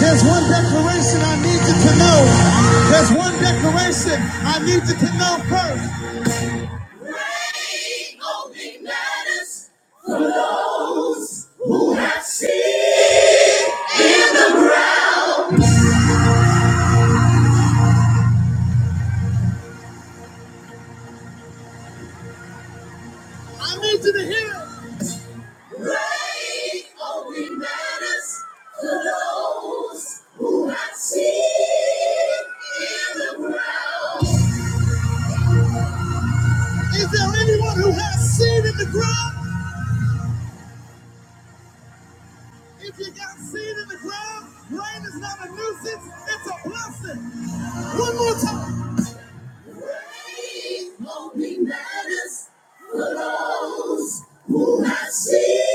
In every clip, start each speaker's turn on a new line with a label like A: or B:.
A: There's one declaration I need you to know. There's one declaration I need you to know first. He only matters to those who have seen. I need you to hear. it. Great only matters to those who have seen in the ground. Is there anyone who has seen in the ground? If you got seed in the ground, rain is not a nuisance, it's a blessing. One more time. Rain only matters for those who have seed.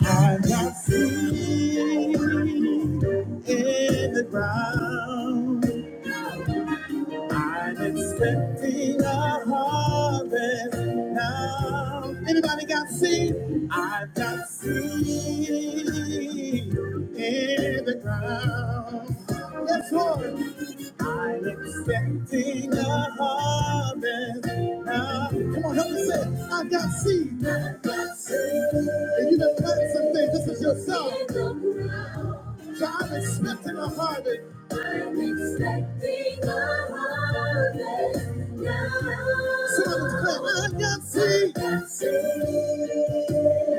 A: I got seed in the ground. I'm expecting a harvest now. Anybody got seed? I've got seed in the ground. Yes, Lord. I'm expecting a harvest now. Come on, help me say, it. I got seed. I got seed. And you know, plant some things. This is your song. So I'm expecting a harvest. I'm expecting a harvest now. Someone can see.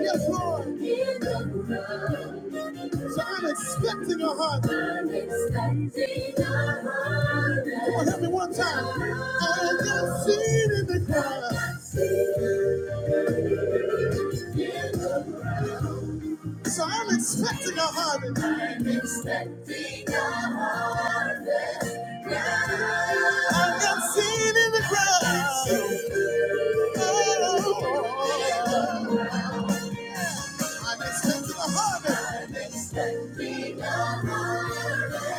A: Yes, Lord. In the ground. So I'm expecting a harvest. I'm expecting a harvest. Come on, help me one time. I can see it in the ground. I can see it in the ground. So I'm expecting a harvest. I'm expecting a harvest. I'm not seeing in the ground. Oh, I'm expecting a harvest. I'm expecting a harvest.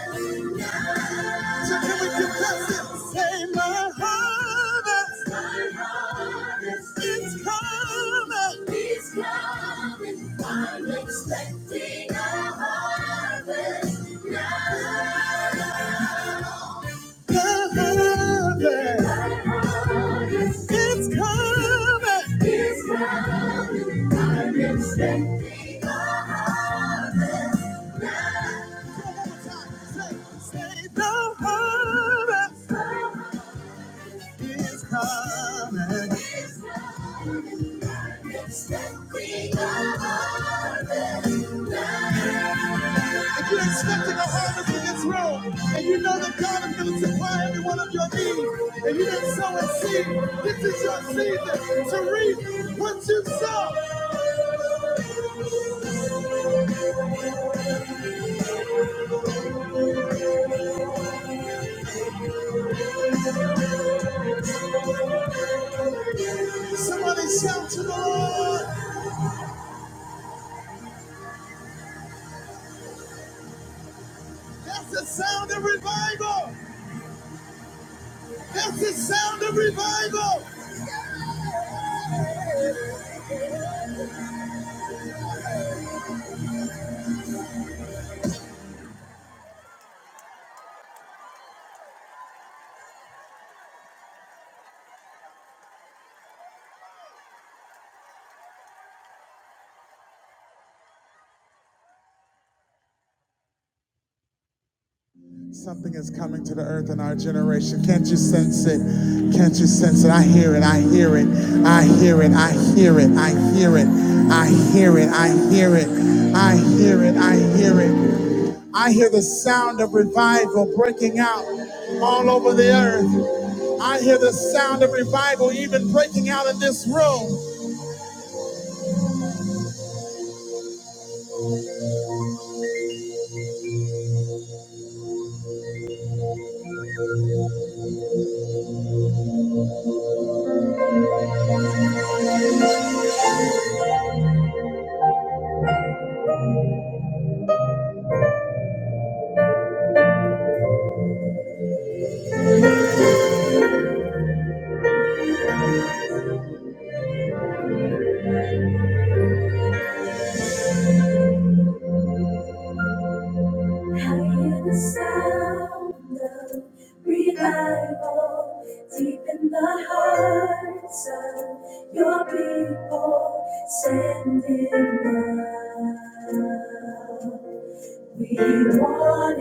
A: my harvest. My coming. It's coming. I'm expecting a harvest now. harvest. It's coming. It's coming. I'm expecting a say the harvest. It's coming. He's coming. I'm expecting a harvest. If you're expecting a harvest in this room, and you know that God is going to supply every one of your needs, and you didn't sow a seed, this is your season to reap what you sow. Somebody shout to the Lord. That's the sound of revival. That's the sound of revival. Something is coming to the earth in our generation. Can't you sense it? Can't you sense it? I hear it. I hear it. I hear it. I hear it. I hear it. I hear it. I hear it. I hear it. I hear it. I hear the sound of revival breaking out all over the earth. I hear the sound of revival even breaking out in this room. Hear the sound of revival deep in the hearts of your people. Send it now. We want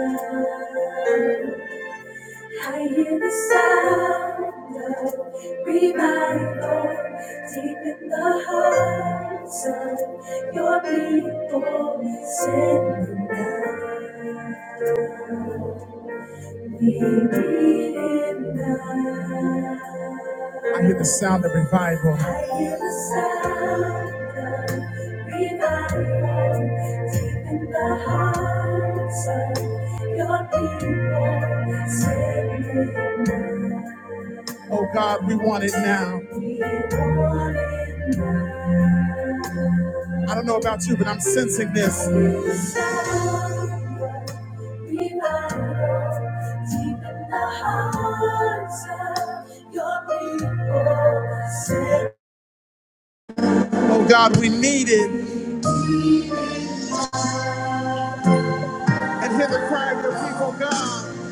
A: it now. I hear the sound of revival deep in the hearts of your people. Send them down. I hear the sound of revival. I hear the sound of revival deep in the hearts of your people. Send it now. Oh God, we want it now. We want it now. I don't know about you, but I'm sensing this. Oh God, we need it. And hear the cry of your people, God.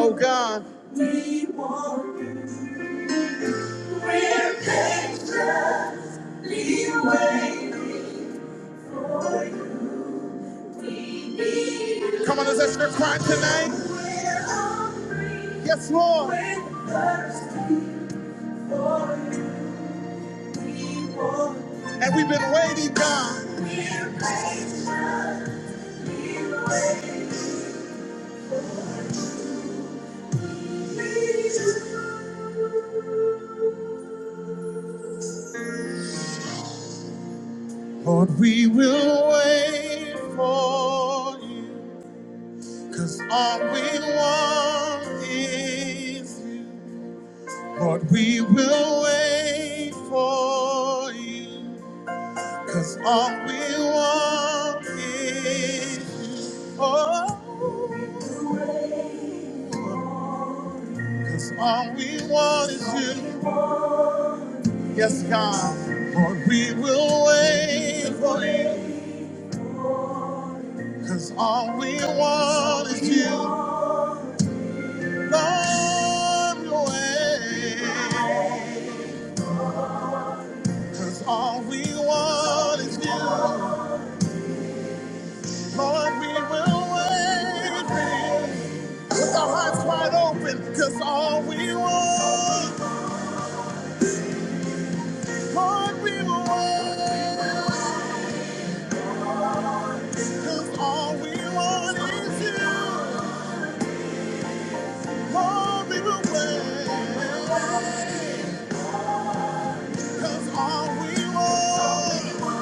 A: Oh God. We want you. We're patient, Come on, is that your cry tonight? Yes, Lord. And we've been waiting, God. Lord, we will wait for you, cause all we want is you. Lord, we will wait for you. Cause all we want is you. Oh, cause all we want is you. Yes, God. Lord, we will wait for you. Cause all we want is you. Lord, your way. Cause all we want is you. Lord, we will wait for you. With our hearts wide open, cause all we want. What we want, 'cause all we want is you. What we will wait, 'cause all we want,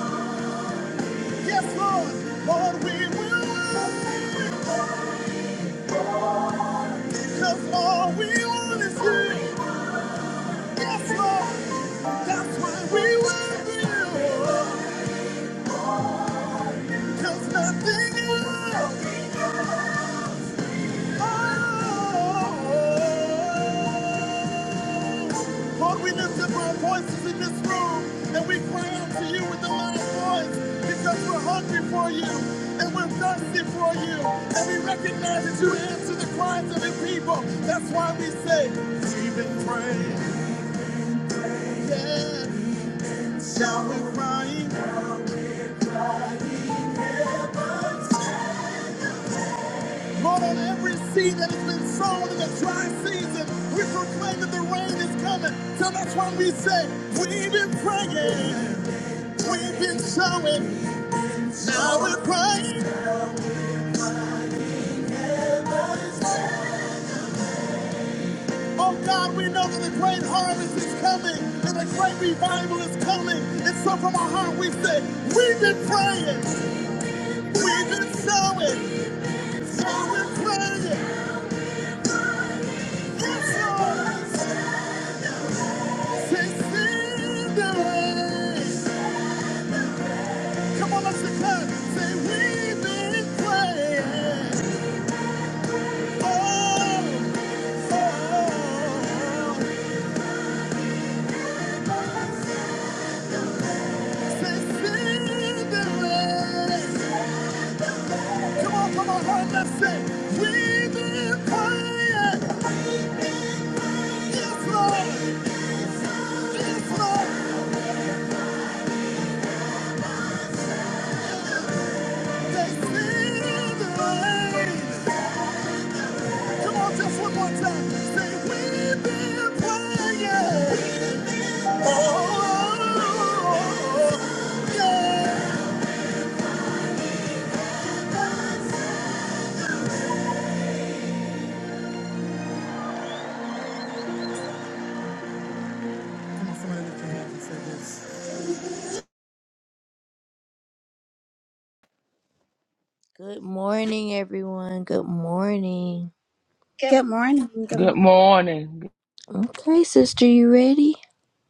A: yes Lord, what we will wait, 'cause all we want is you. Yes Lord, that's why we want you, 'cause nothing else. Oh. Lord, we lift up our voices in this room and we cry out to you with a loud voice because we're hungry for you and we're thirsty for you and we recognize that you answer the cries of your people. That's why we say, we've been praying, yeah, shall we find? Lord, on every seed that has been sown in the dry season, we proclaim that the rain is coming. So that's why we say, we've been praying, we've been sowing, now we're praying. Oh God, we know that the great harvest is coming and the great revival is coming. And so from our heart we say, we've been praying, we've been sowing, so we're praying. Yes, Lord, succeed the way. Come on, let's declare. Say, we've been praying. Oh, oh, succeed the way. Come on, come on, Lord, let's sing. We've been crying. Yes, Lord. Yes, Lord. They see the rain. Come on, just one more time. Say, we've been crying. Oh, yeah. Come on, somebody lift your hands and say this. Good morning, everyone. Good morning. Good.
B: Good morning. Good
C: Good
B: morning.
C: morning.
A: Okay, sister, you ready?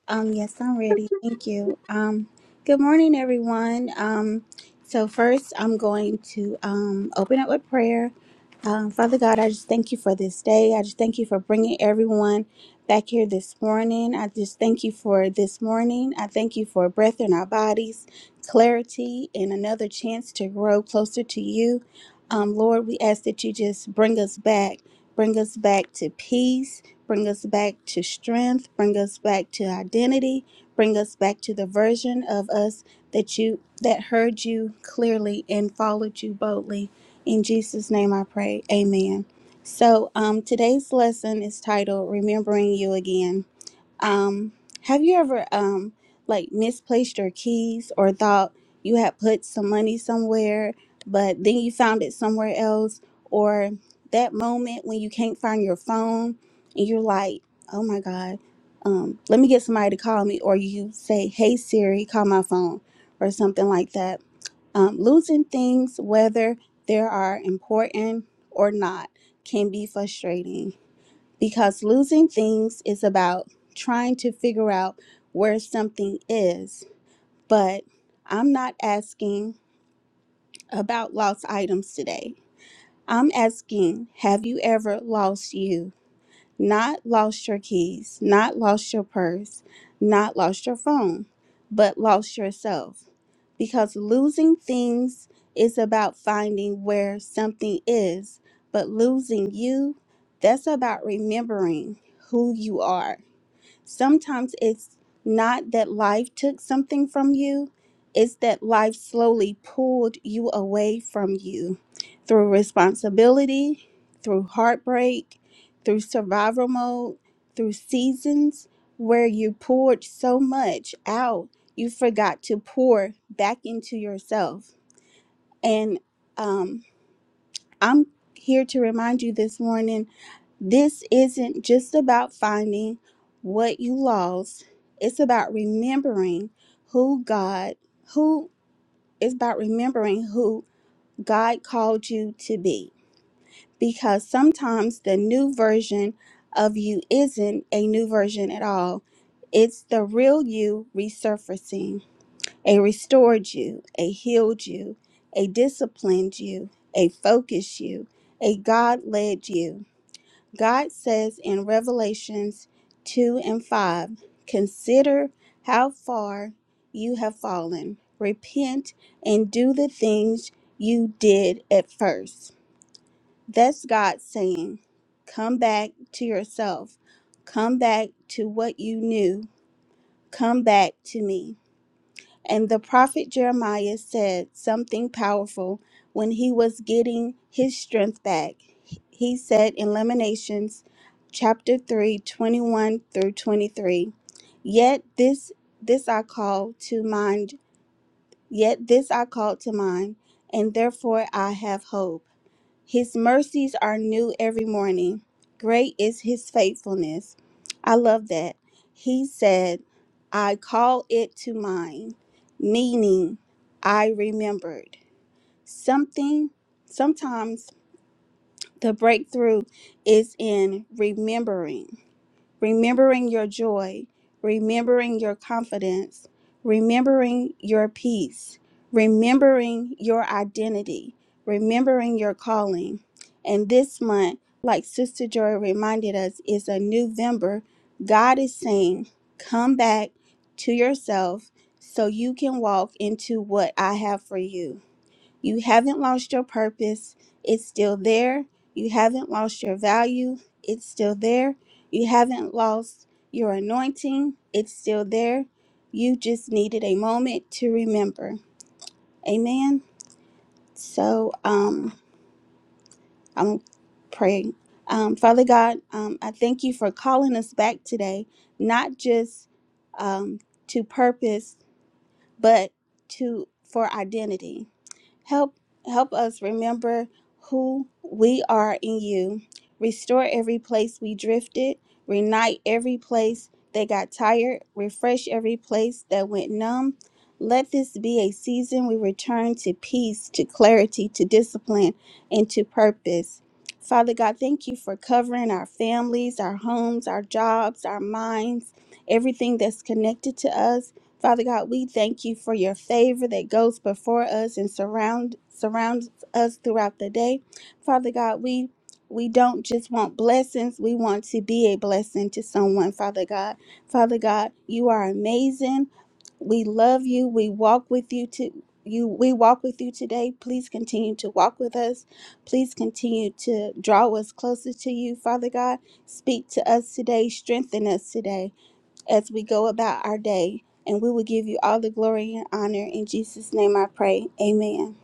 B: Um, yes, I'm ready. Thank you. Um, good morning, everyone. Um, so first, I'm going to um, open up with prayer. Um, Father God, I just thank you for this day. I just thank you for bringing everyone back here this morning. I just thank you for this morning. I thank you for breath in our bodies, clarity, and another chance to grow closer to you. Um, Lord, we ask that you just bring us back, bring us back to peace Bring us back to strength. Bring us back to identity. Bring us back to the version of us that you that heard you clearly and followed you boldly. In Jesus' name I pray. Amen. So um, today's lesson is titled Remembering You Again. Um, have you ever um like misplaced your keys or thought you had put some money somewhere, but then you found it somewhere else, or that moment when you can't find your phone and you're like, "Oh my God, um, let me get somebody to call me," or you say, "Hey Siri, call my phone," or something like that. Um, losing things, whether they are important or not, can be frustrating because losing things is about trying to figure out where something is. But I'm not asking about lost items today. I'm asking, have you ever lost you? Not lost your keys, not lost your purse, not lost your phone, but lost yourself. Because losing things is about finding where something is, but losing you, that's about remembering who you are sometimes it's not that life took something from you, it's that life slowly pulled you away from you through responsibility, through heartbreak, through survival mode, through seasons where you poured so much out, you forgot to pour back into yourself. And um, I'm here to remind you this morning this isn't just about finding what you lost, it's about remembering who God, who it's about remembering who God called you to be. Because sometimes the new version of you isn't a new version at all. It's the real you resurfacing. A restored you, a healed you, a disciplined you, a focused you, a God led you. God says in Revelations 2 and 5 Consider how far you have fallen. Repent and do the things you did at first. That's God saying, Come back to yourself. Come back to what you knew. Come back to me. And the prophet Jeremiah said something powerful when he was getting his strength back. He said in Lamentations chapter 3, 21 through 23, Yet this this I call to mind, yet this I call to mind, and therefore I have hope. His mercies are new every morning. Great is his faithfulness. I love that. He said, I call it to mind, meaning I remembered. Something, sometimes the breakthrough is in remembering remembering your joy, remembering your confidence, remembering your peace, remembering your identity, remembering your calling. And this month, like Sister Joy reminded us, is a November. God is saying, come back to yourself so you can walk into what I have for you. You haven't lost your purpose. It's still there. You haven't lost your value. It's still there. You haven't lost your anointing. It's still there. You just needed a moment to remember. Amen. So um I'm praying. Um, Father God, um, I thank you for calling us back today, not just um, to purpose, but to for identity. Help help us remember who we are in you. Restore every place we drifted, reunite every place that got tired, refresh every place that went numb. Let this be a season we return to peace, to clarity, to discipline, and to purpose. Father God, thank you for covering our families, our homes, our jobs, our minds, everything that's connected to us. Father God, we thank you for your favor that goes before us and surround surrounds us throughout the day. Father God, we we don't just want blessings, we want to be a blessing to someone, Father God. Father God, you are amazing. We love you. We walk with you to you we walk with you today. Please continue to walk with us. Please continue to draw us closer to you, Father God. Speak to us today, strengthen us today as we go about our day. And we will give you all the glory and honor. In Jesus' name I pray. Amen.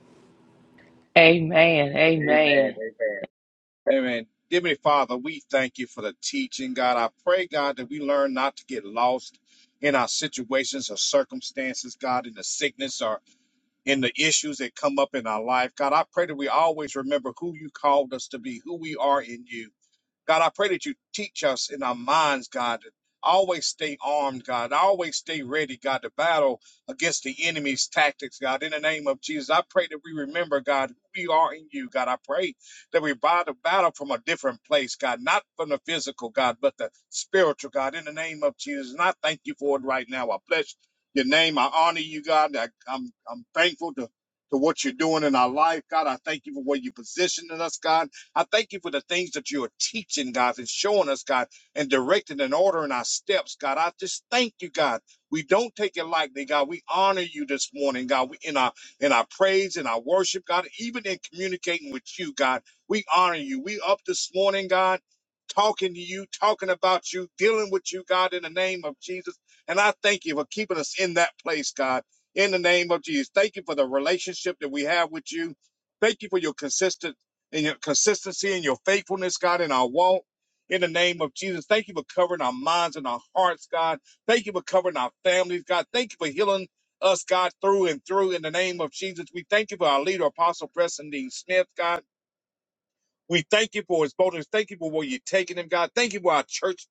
C: Amen.
D: Amen.
C: Amen.
D: Amen. Amen. Dear me, Father, we thank you for the teaching, God. I pray, God, that we learn not to get lost in our situations or circumstances, God, in the sickness or in the issues that come up in our life. God, I pray that we always remember who you called us to be, who we are in you. God, I pray that you teach us in our minds, God, to always stay armed, God, always stay ready, God, to battle against the enemy's tactics, God. In the name of Jesus, I pray that we remember, God, who we are in you, God. I pray that we buy the battle from a different place, God, not from the physical, God, but the spiritual, God. In the name of Jesus, and I thank you for it right now. I bless your name. I honor you, God. I, I'm I'm thankful to to what you're doing in our life, God. I thank you for where you positioned us, God. I thank you for the things that you are teaching, God, and showing us, God, and directing and ordering our steps, God. I just thank you, God. We don't take it lightly, God. We honor you this morning, God. We in our in our praise, in our worship, God, even in communicating with you, God. We honor you. We up this morning, God, talking to you, talking about you, dealing with you, God, in the name of Jesus. And I thank you for keeping us in that place, God. In the name of Jesus. Thank you for the relationship that we have with you. Thank you for your consistency and your consistency and your faithfulness, God, in our walk. In the name of Jesus, thank you for covering our minds and our hearts, God. Thank you for covering our families, God. Thank you for healing us, God, through and through. In the name of Jesus, we thank you for our leader, Apostle Preston Dean Smith, God. We thank you for his boldness. Thank you for where you're taking him, God. Thank you for our church,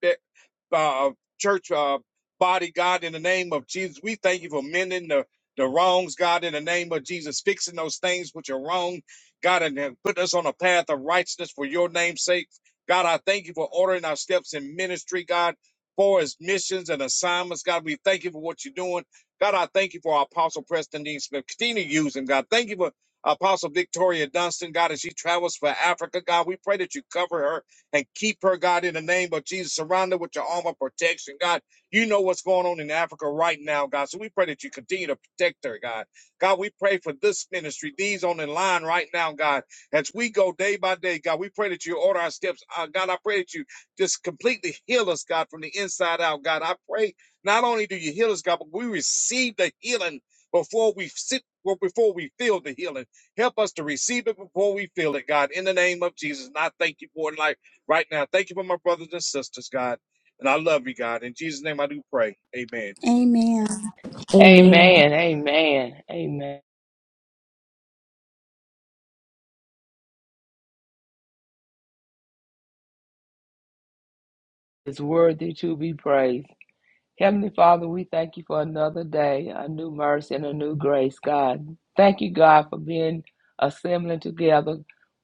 D: uh, church uh, body, God. In the name of Jesus, we thank you for mending the, the wrongs, God. In the name of Jesus, fixing those things which are wrong, God, and then put us on a path of righteousness for your name's sake, God. I thank you for ordering our steps in ministry, God. For his missions and assignments, God, we thank you for what you're doing. God, I thank you for our Apostle Preston Dean Smith. Continue to use him, God. Thank you for Apostle Victoria Dunstan, God, as she travels for Africa, God, we pray that you cover her and keep her, God, in the name of Jesus. Surround her with your arm of protection, God. You know what's going on in Africa right now, God. So we pray that you continue to protect her, God. God, we pray for this ministry, these on the line right now, God. As we go day by day, God, we pray that you order our steps. Uh, God, I pray that you just completely heal us, God, from the inside out, God. I pray not only do you heal us, God, but we receive the healing before we sit, well, before we feel the healing. Help us to receive it before we feel it, God, in the name of Jesus. And I thank you for it like right now. Thank you for my brothers and sisters, God. And I love you, God. In Jesus' name I do pray. Amen.
B: Amen.
A: Amen.
C: Amen. Amen. Amen. It's worthy to be praised. Heavenly Father, we thank you for another day, a new mercy, and a new grace, God. Thank you, God, for being assembling together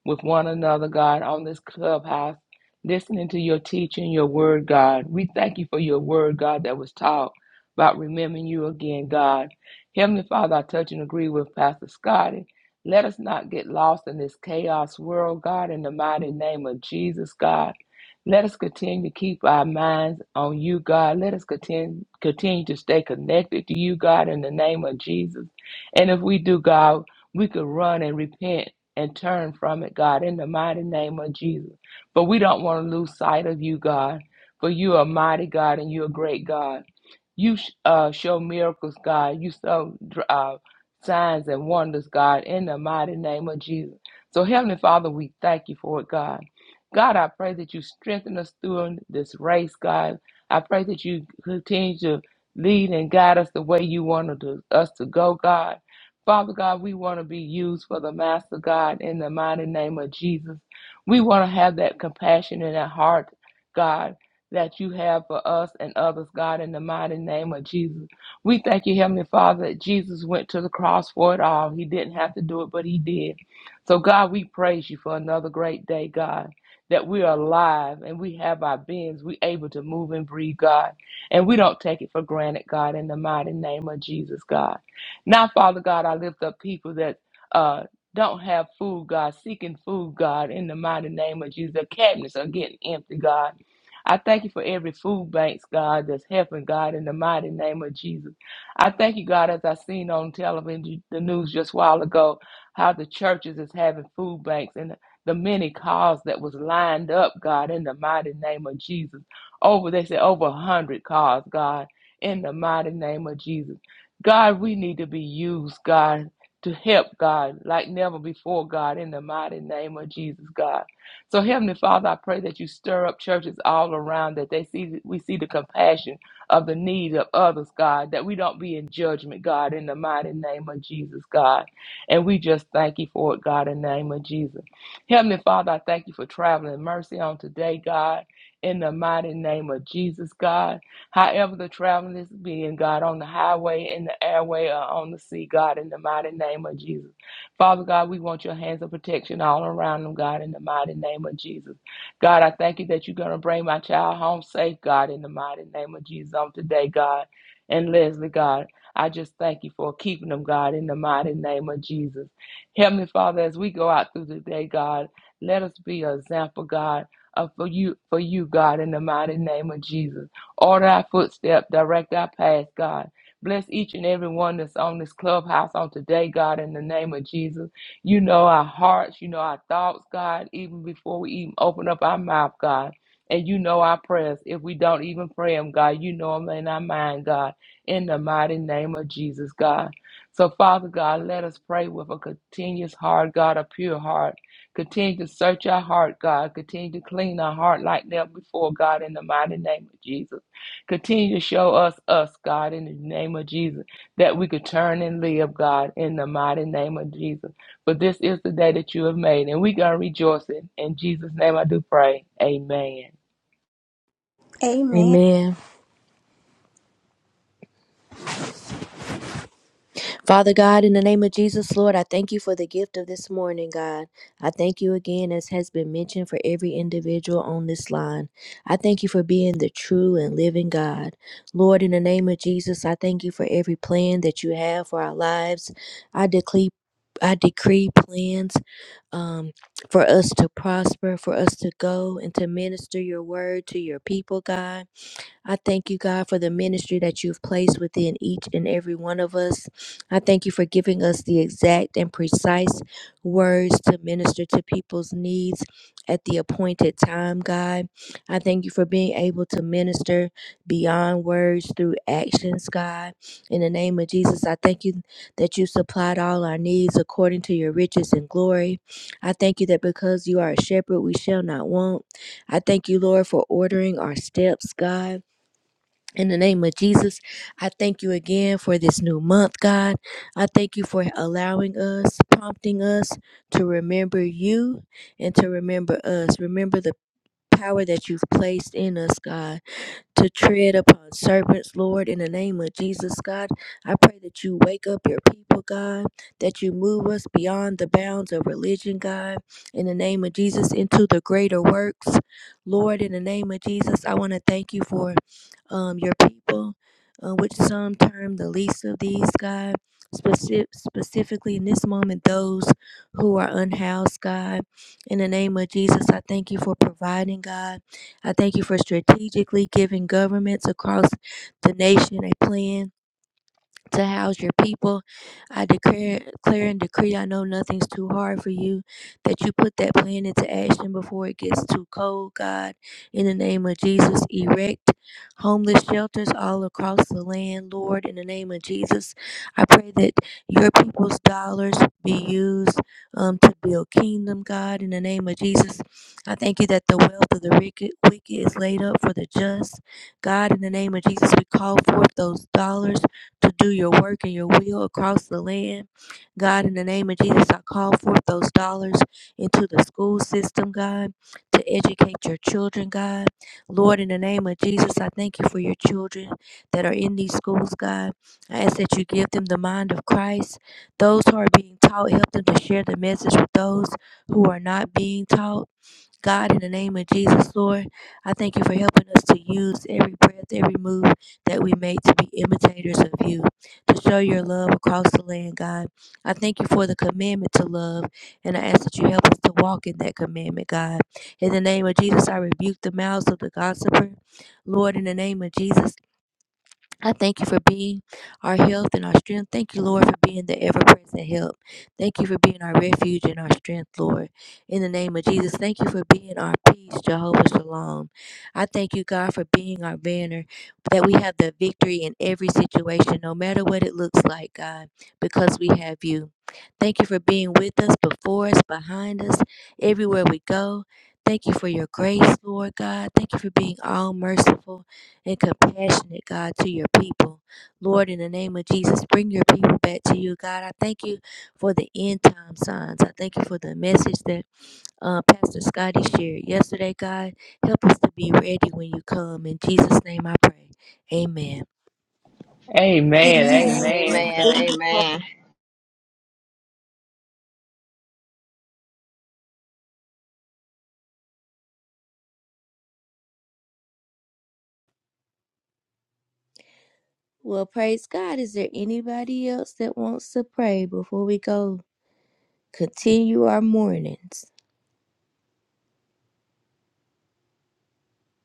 C: with one another, God, on this clubhouse, listening to your teaching, your word, God. We thank you for your word, God, that was taught about remembering you again, God. Heavenly Father, I touch and agree with Pastor Scotty. Let us not get lost in this chaos world, God, in the mighty name of Jesus, God. Let us continue to keep our minds on you, God. Let us continue, continue to stay connected to you, God, in the name of Jesus. And if we do, God, we could run and repent and turn from it, God, in the mighty name of Jesus. But we don't want to lose sight of you, God, for you are mighty God and you're great God. You uh, show miracles, God. You show uh, signs and wonders, God, in the mighty name of Jesus. So, Heavenly Father, we thank you for it, God. God, I pray that you strengthen us through this race, God. I pray that you continue to lead and guide us the way you wanted to- us to go, God. Father God, we want to be used for the Master God in the mighty name of Jesus. We want to have that compassion in our heart, God that you have for us and others, God, in the mighty name of Jesus. We thank you, Heavenly Father, that Jesus went to the cross for it all. He didn't have to do it, but He did. So, God, we praise you for another great day, God, that we are alive and we have our beings. we able to move and breathe, God. And we don't take it for granted, God, in the mighty name of Jesus, God. Now, Father God, I lift up people that uh, don't have food, God, seeking food, God, in the mighty name of Jesus. Their cabinets are getting empty, God. I thank you for every food banks, God, that's helping, God, in the mighty name of Jesus. I thank you, God, as I seen on television, the news just a while ago, how the churches is having food banks and the many cars that was lined up, God, in the mighty name of Jesus. Over, they said over a hundred cars, God, in the mighty name of Jesus. God, we need to be used, God, to help, God, like never before, God, in the mighty name of Jesus, God. So, Heavenly Father, I pray that you stir up churches all around that they see we see the compassion of the need of others, God, that we don't be in judgment, God, in the mighty name of Jesus, God. And we just thank you for it, God, in the name of Jesus. Heavenly Father, I thank you for traveling mercy on today, God, in the mighty name of Jesus, God. However, the traveling is being, God, on the highway, in the airway, or on the sea, God, in the mighty name of Jesus. Father God, we want your hands of protection all around them, God, in the mighty name of Jesus. God, I thank you that you're going to bring my child home safe, God, in the mighty name of Jesus on today, God. And Leslie, God, I just thank you for keeping them, God, in the mighty name of Jesus. Heavenly Father, as we go out through the day, God, let us be an example, God, of for you, for you, God, in the mighty name of Jesus. Order our footstep, direct our path, God. Bless each and every one that's on this clubhouse on today, God, in the name of Jesus. You know our hearts, you know our thoughts, God, even before we even open up our mouth, God. And you know our prayers. If we don't even pray them, God, you know them in our mind, God, in the mighty name of Jesus, God. So, Father God, let us pray with a continuous heart, God, a pure heart. Continue to search our heart, God. Continue to clean our heart like never before, God, in the mighty name of Jesus. Continue to show us us, God, in the name of Jesus, that we could turn and live, God, in the mighty name of Jesus. But this is the day that you have made, and we're going to rejoice in. In Jesus' name I do pray. Amen.
B: Amen.
A: Amen. Father God, in the name of Jesus, Lord, I thank you for the gift of this morning, God. I thank you again, as has been mentioned, for every individual on this line. I thank you for being the true and living God. Lord, in the name of Jesus, I thank you for every plan that you have for our lives. I decree. I decree plans um, for us to prosper, for us to go and to minister your word to your people, God. I thank you, God, for the ministry that you've placed within each and every one of us. I thank you for giving us the exact and precise words to minister to people's needs at the appointed time, God. I thank you for being able to minister beyond words through actions, God. In the name of Jesus, I thank you that you supplied all our needs according to your riches and glory. I thank you that because you are a shepherd, we shall not want. I thank you, Lord, for ordering our steps, God. In the name of Jesus, I thank you again for this new month, God. I thank you for allowing us, prompting us to remember you and to remember us. Remember the power that you've placed in us, God to tread upon serpents, Lord, in the name of Jesus, God. I pray that you wake up your people, God, that you move us beyond the bounds of religion, God, in the name of Jesus, into the greater works. Lord, in the name of Jesus, I want to thank you for um, your people, uh, which some term the least of these, God. Specific, specifically in this moment, those who are unhoused, God. In the name of Jesus, I thank you for providing, God. I thank you for strategically giving governments across the nation a plan to house your people. I declare, declare and decree, I know nothing's too hard for you, that you put that plan into action before it gets too cold, God. In the name of Jesus, erect homeless shelters all across the land, Lord. In the name of Jesus, I pray that your people's dollars be used um, to build kingdom, God. In the name of Jesus, I thank you that the wealth of the wicked wicked is laid up for the just. God, in the name of Jesus, we call forth those dollars to do your work and your will across the land. God, in the name of Jesus, I call forth those dollars into the school system, God, to educate your children, God. Lord, in the name of Jesus, I thank you for your children that are in these schools, God. I ask that you give them the mind of Christ. Those who are being taught, help them to share the message with those who are not being taught. God, in the name of Jesus, Lord, I thank you for helping us to use every breath, every move that we make to be imitators of you, to show your love across the land, God. I thank you for the commandment to love, and I ask that you help us to walk in that commandment, God. In the name of Jesus, I rebuke the mouths of the gossiper. Lord, in the name of Jesus, I thank you for being our health and our strength. Thank you, Lord, for being the ever present help. Thank you for being our refuge and our strength, Lord. In the name of Jesus, thank you for being our peace, Jehovah Shalom. I thank you, God, for being our banner, that we have the victory in every situation, no matter what it looks like, God, because we have you. Thank you for being with us, before us, behind us, everywhere we go. Thank you for your grace, Lord God. Thank you for being all merciful and compassionate, God, to your people. Lord, in the name of Jesus, bring your people back to you, God. I thank you for the end time signs. I thank you for the message that uh, Pastor Scotty shared yesterday, God. Help us to be ready when you come. In Jesus' name I pray. Amen.
C: Amen.
E: Amen.
C: Amen.
E: Amen.
C: Thank,
E: Amen.
A: Well, praise God. Is there anybody else that wants to pray before we go continue our mornings?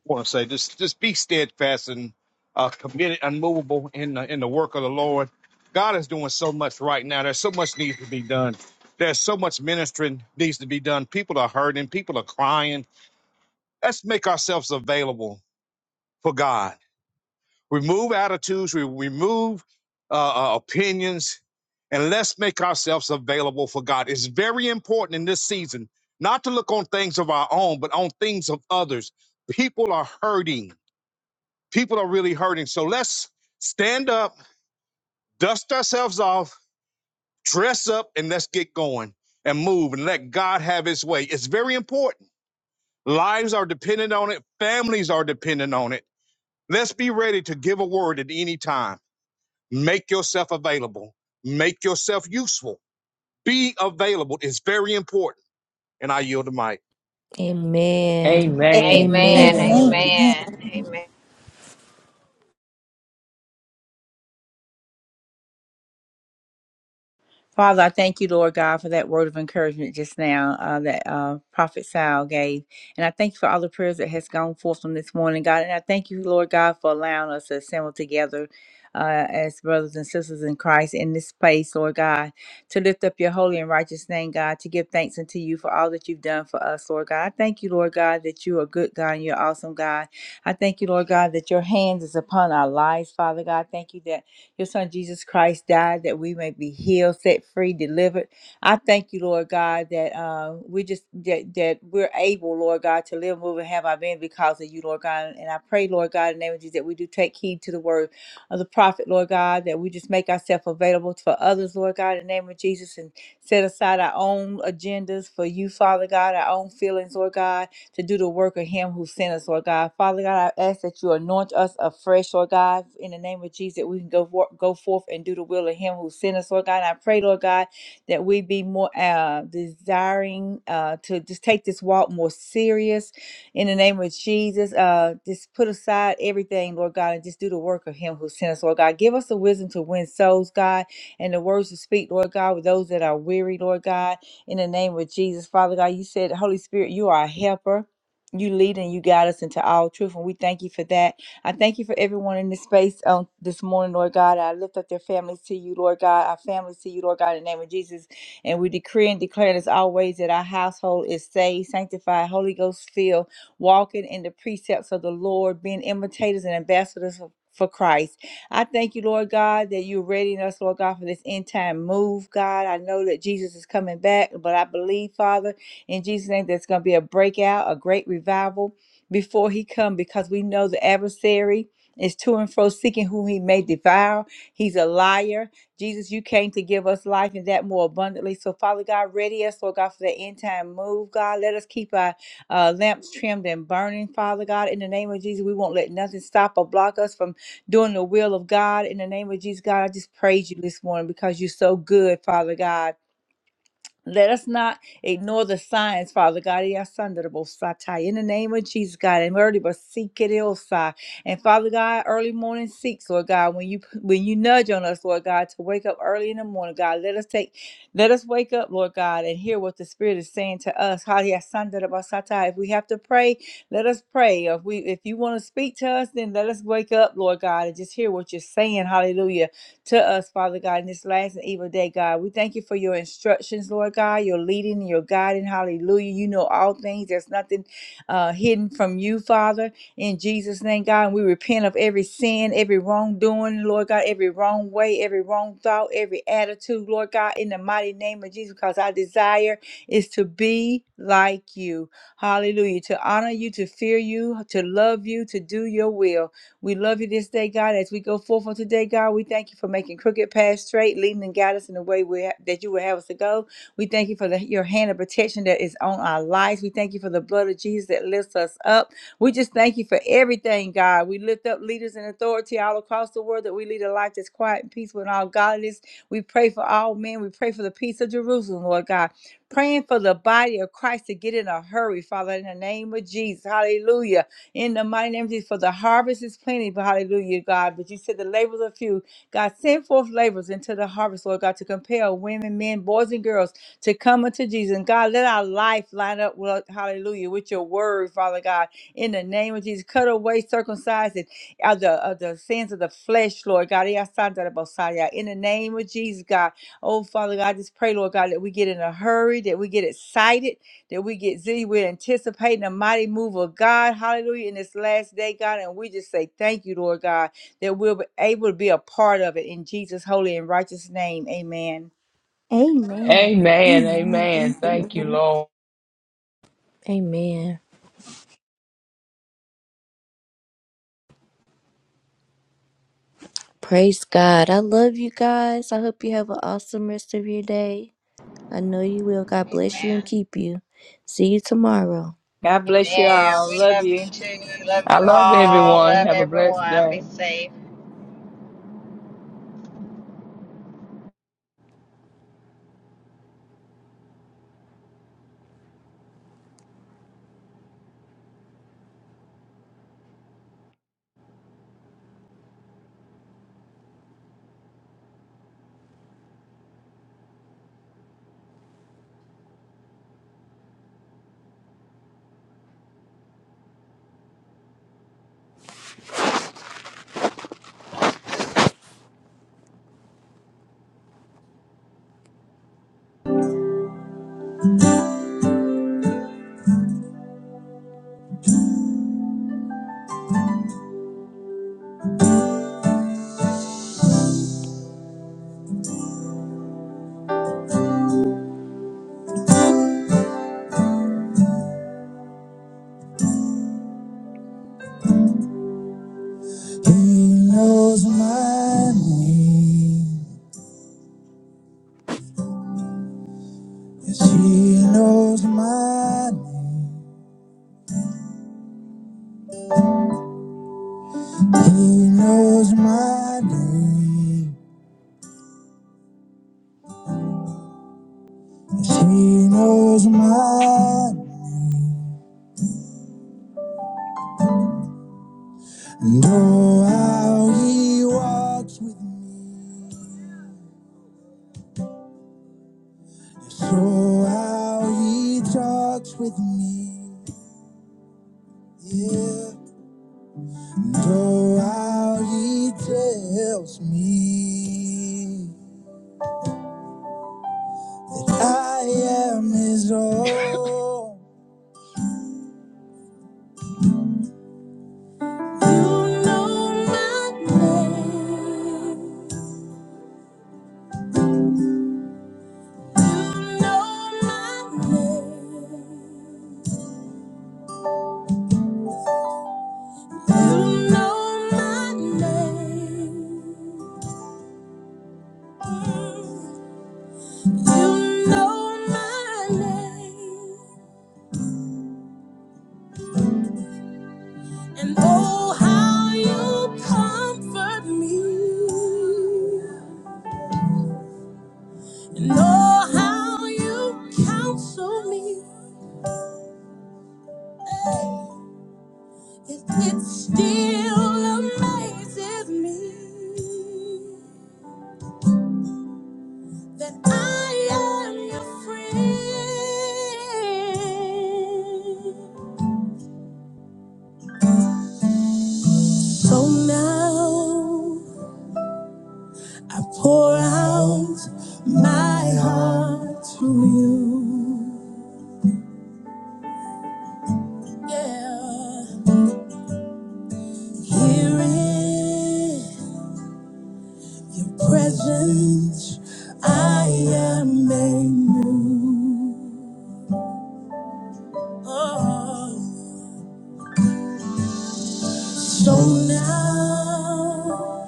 D: I want to say just just be steadfast and uh, committed, unmovable in the in the work of the Lord. God is doing so much right now. There's so much needs to be done. There's so much ministering needs to be done. People are hurting, people are crying. Let's make ourselves available for God remove attitudes, we remove uh, uh, opinions, and let's make ourselves available for God. It's very important in this season not to look on things of our own, but on things of others. People are hurting. People are really hurting. So let's stand up, dust ourselves off, dress up, and let's get going and move and let God have his way. It's very important. Lives are dependent on it, families are dependent on it. Let's be ready to give a word at any time. Make yourself available. Make yourself useful. Be available. It's very important. And I yield the mic.
A: Amen.
B: Amen.
C: amen.
E: Amen.
A: Amen.
B: Amen.
C: Amen.
E: Amen. Amen.
F: Father, I thank you, Lord God, for that word of encouragement just now uh, that uh, Prophet Sal gave. And I thank you for all the prayers that has gone forth from this morning, God. And I thank you, Lord God, for allowing us to assemble together uh, as brothers and sisters in Christ in this place, Lord God, to lift up your holy and righteous name, God, to give thanks unto you for all that you've done for us, Lord God. I thank you, Lord God, that you are good, God, and you're awesome, God. I thank you, Lord God, that your hands is upon our lives, Father God. Thank you that your son Jesus Christ died that we may be healed, set free, delivered. I thank you, Lord God, that uh, we just that, that we're able, Lord God, to live, move, and have our being because of you, Lord God. And I pray, Lord God, in the name of Jesus, that we do take heed to the word of the prophet, Lord God, that we just make ourselves available for others, Lord God, in the name of Jesus, and set aside our own agendas for you, Father God, our own feelings, Lord God to do the work of Him who sent us, Lord God. Father God, I ask that you anoint us afresh, Lord God, in the name of Jesus, that we can go for, go forth and do the will of Him who sent us, Lord God. And I pray, Lord God, that we be more uh, desiring uh, to just take this walk more serious, in the name of Jesus. Uh, just put aside everything, Lord God, and just do the work of Him who sent us, Lord God. Give us the wisdom to win souls, God, and the words to speak, Lord God, with those that are weary, Lord God in the name of Jesus. Father God, you said, Holy Spirit, you are a helper. You lead and you guide us into all truth, and we thank you for that. I thank you for everyone in this space on this morning, Lord God. I lift up their families to you, Lord God, our families to you, Lord God, in the name of Jesus. And we decree and declare as always that our household is saved, sanctified, Holy Ghost filled, walking in the precepts of the Lord, being imitators and ambassadors of- for Christ. I thank you, Lord God, that you're readying us, Lord God, for this end time move, God. I know that Jesus is coming back, but I believe, Father, in Jesus' name, there's going to be a breakout, a great revival before he come because we know the adversary is to and fro seeking whom he may devour. He's a liar. Jesus, you came to give us life and that more abundantly. So, Father God, ready us, Lord God, for the end time move, God. Let us keep our uh, lamps trimmed and burning, Father God. In the name of Jesus, we won't let nothing stop or block us from doing the will of God. In the name of Jesus, God, I just praise you this morning because you're so good, Father God. Let us not ignore the signs, Father God. Ya sanda da bo sa ta. In the name of Jesus, God, and early but seek it also. And Father God, early morning seeks, Lord God, when you when you nudge on us, Lord God, to wake up early in the morning, God, let us take, let us wake up, Lord God, and hear what the Spirit is saying to us. Ha, ya sanda da bo sa ta. If we have to pray, let us pray. If we if you want to speak to us, then let us wake up, Lord God, and just hear what you're saying. Hallelujah to us, Father God, in this last and evil day, God. We thank you for your instructions, Lord God, your leading and your guiding. Hallelujah. You know all things. There's nothing uh, hidden from you, Father. In Jesus' name, God, and we repent of every sin, every wrongdoing, Lord God, every wrong way, every wrong thought, every attitude, Lord God, in the mighty name of Jesus, because our desire is to be like you. Hallelujah. To honor you, to fear you, to love you, to do your will. We love you this day, God. As we go forth on today, God, we thank you for making crooked paths straight, leading and guiding us in the way we ha- that you would have us to go. We thank you for the, your hand of protection that is on our lives. We thank you for the blood of Jesus that lifts us up. We just thank you for everything, God. We lift up leaders and authority all across the world that we lead a life that's quiet and peaceful and all godliness. We pray for all men. We pray for the peace of Jerusalem, Lord God. Praying for the body of Christ to get in a hurry, Father, in the name of Jesus. Hallelujah in the mighty name of Jesus. For the harvest is plenty, but hallelujah, God. But you said the labors are few. God, send forth labors into the harvest, Lord God, to compel women, men, boys, and girls to come unto Jesus. And God, let our life line up, with, hallelujah, with your word, Father God, in the name of Jesus. Cut away, circumcise it, uh, the, uh, the sins of the flesh, Lord God. Yeah, I that about Saya. In the name of Jesus, God. Oh, Father God, I just pray, Lord God, that we get in a hurry, that we get excited that we get Z. We're anticipating a mighty move of God. Hallelujah. In this last day, God. And we just say thank you, Lord God, that we'll be able to be a part of it in Jesus' holy and righteous name. Amen.
B: Amen.
C: Amen. Amen.
B: Thank you,
C: Thank you,
B: Lord.
C: Lord.
A: Amen. Praise God. I love you guys. I hope you have an awesome rest of your day. I know you will. God bless you and
E: Amen.
A: keep you. See you tomorrow.
F: God bless you
E: Amen.
F: all.
E: We
F: Love
E: love
F: you.
E: you too. Love
C: I
E: you
C: love
E: all.
C: everyone.
E: Love
C: Have a blessed
E: everyone.
C: day.
E: Be safe.
A: knows my, he knows my name. She knows mine. And oh, how he walks with me. So how he talks with me. Yeah. And oh, how he tells me. I am his own. You know my name. You know my name. You name. know my name. And oh, how you comfort me. And oh, how you counsel me. It, it still amazes me. that I am your friend. So now I pour out my heart to you. Yeah. your Presence, I am made new. Oh. So now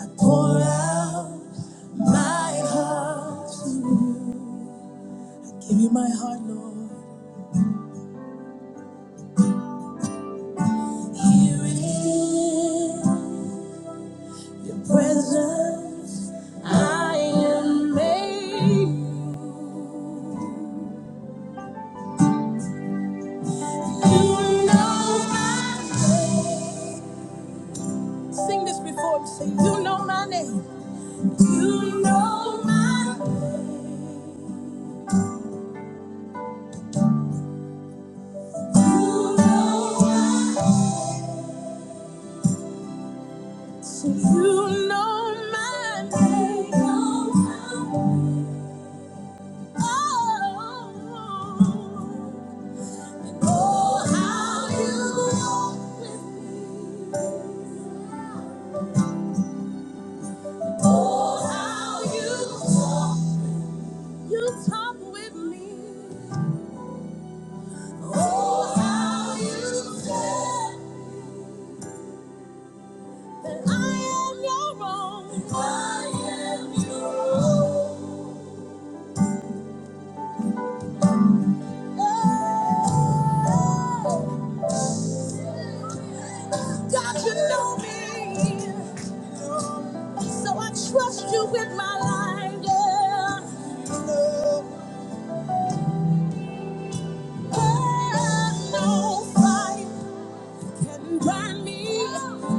A: I pour out my heart. Give you my heart, Lord. Here it is. presence I am made. You know my name. Sing this before me. Say, you know my name. You know my Say, you know my name. You know my- Oh, oh, how you walk with me.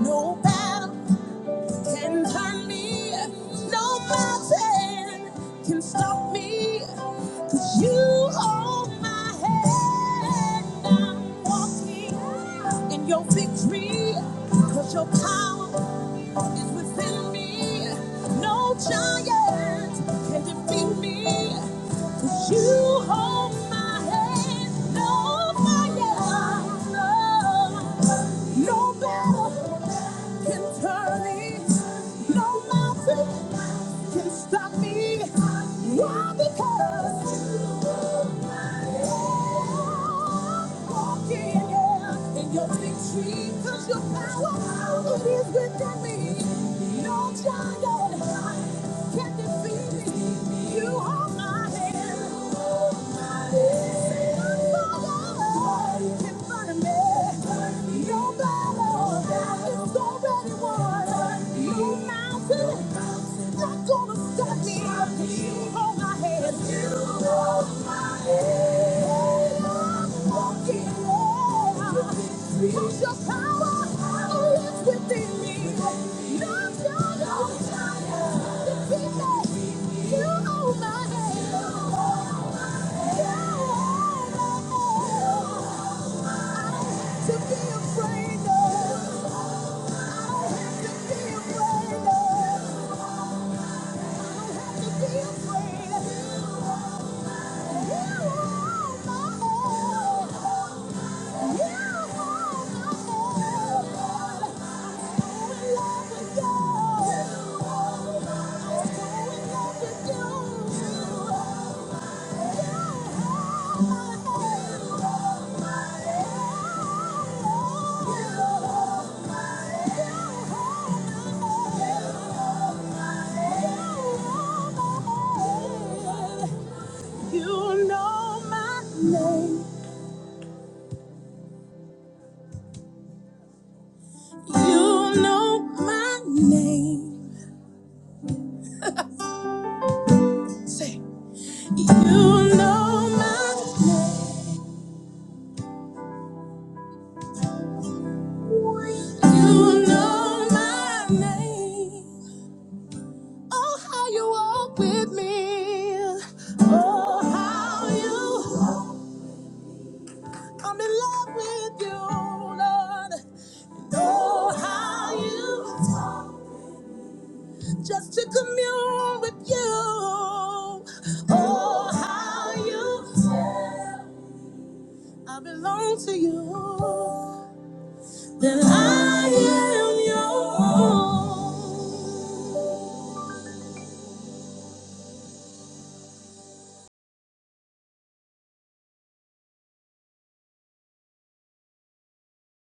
A: No battle, nothing can stop me. 'Cause you are my no, no. No mountain be high because you are walking yeah, in your victory. Cause your power, it is within me. No giant can defeat me. You hold my hand. Cause your power lives within me. No giant can defeat me. You hold my hand. You know my name. Oh, how you walk with me. Oh, how you. I'm in love with you, Lord. You know how you just to commune with you. Oh, how.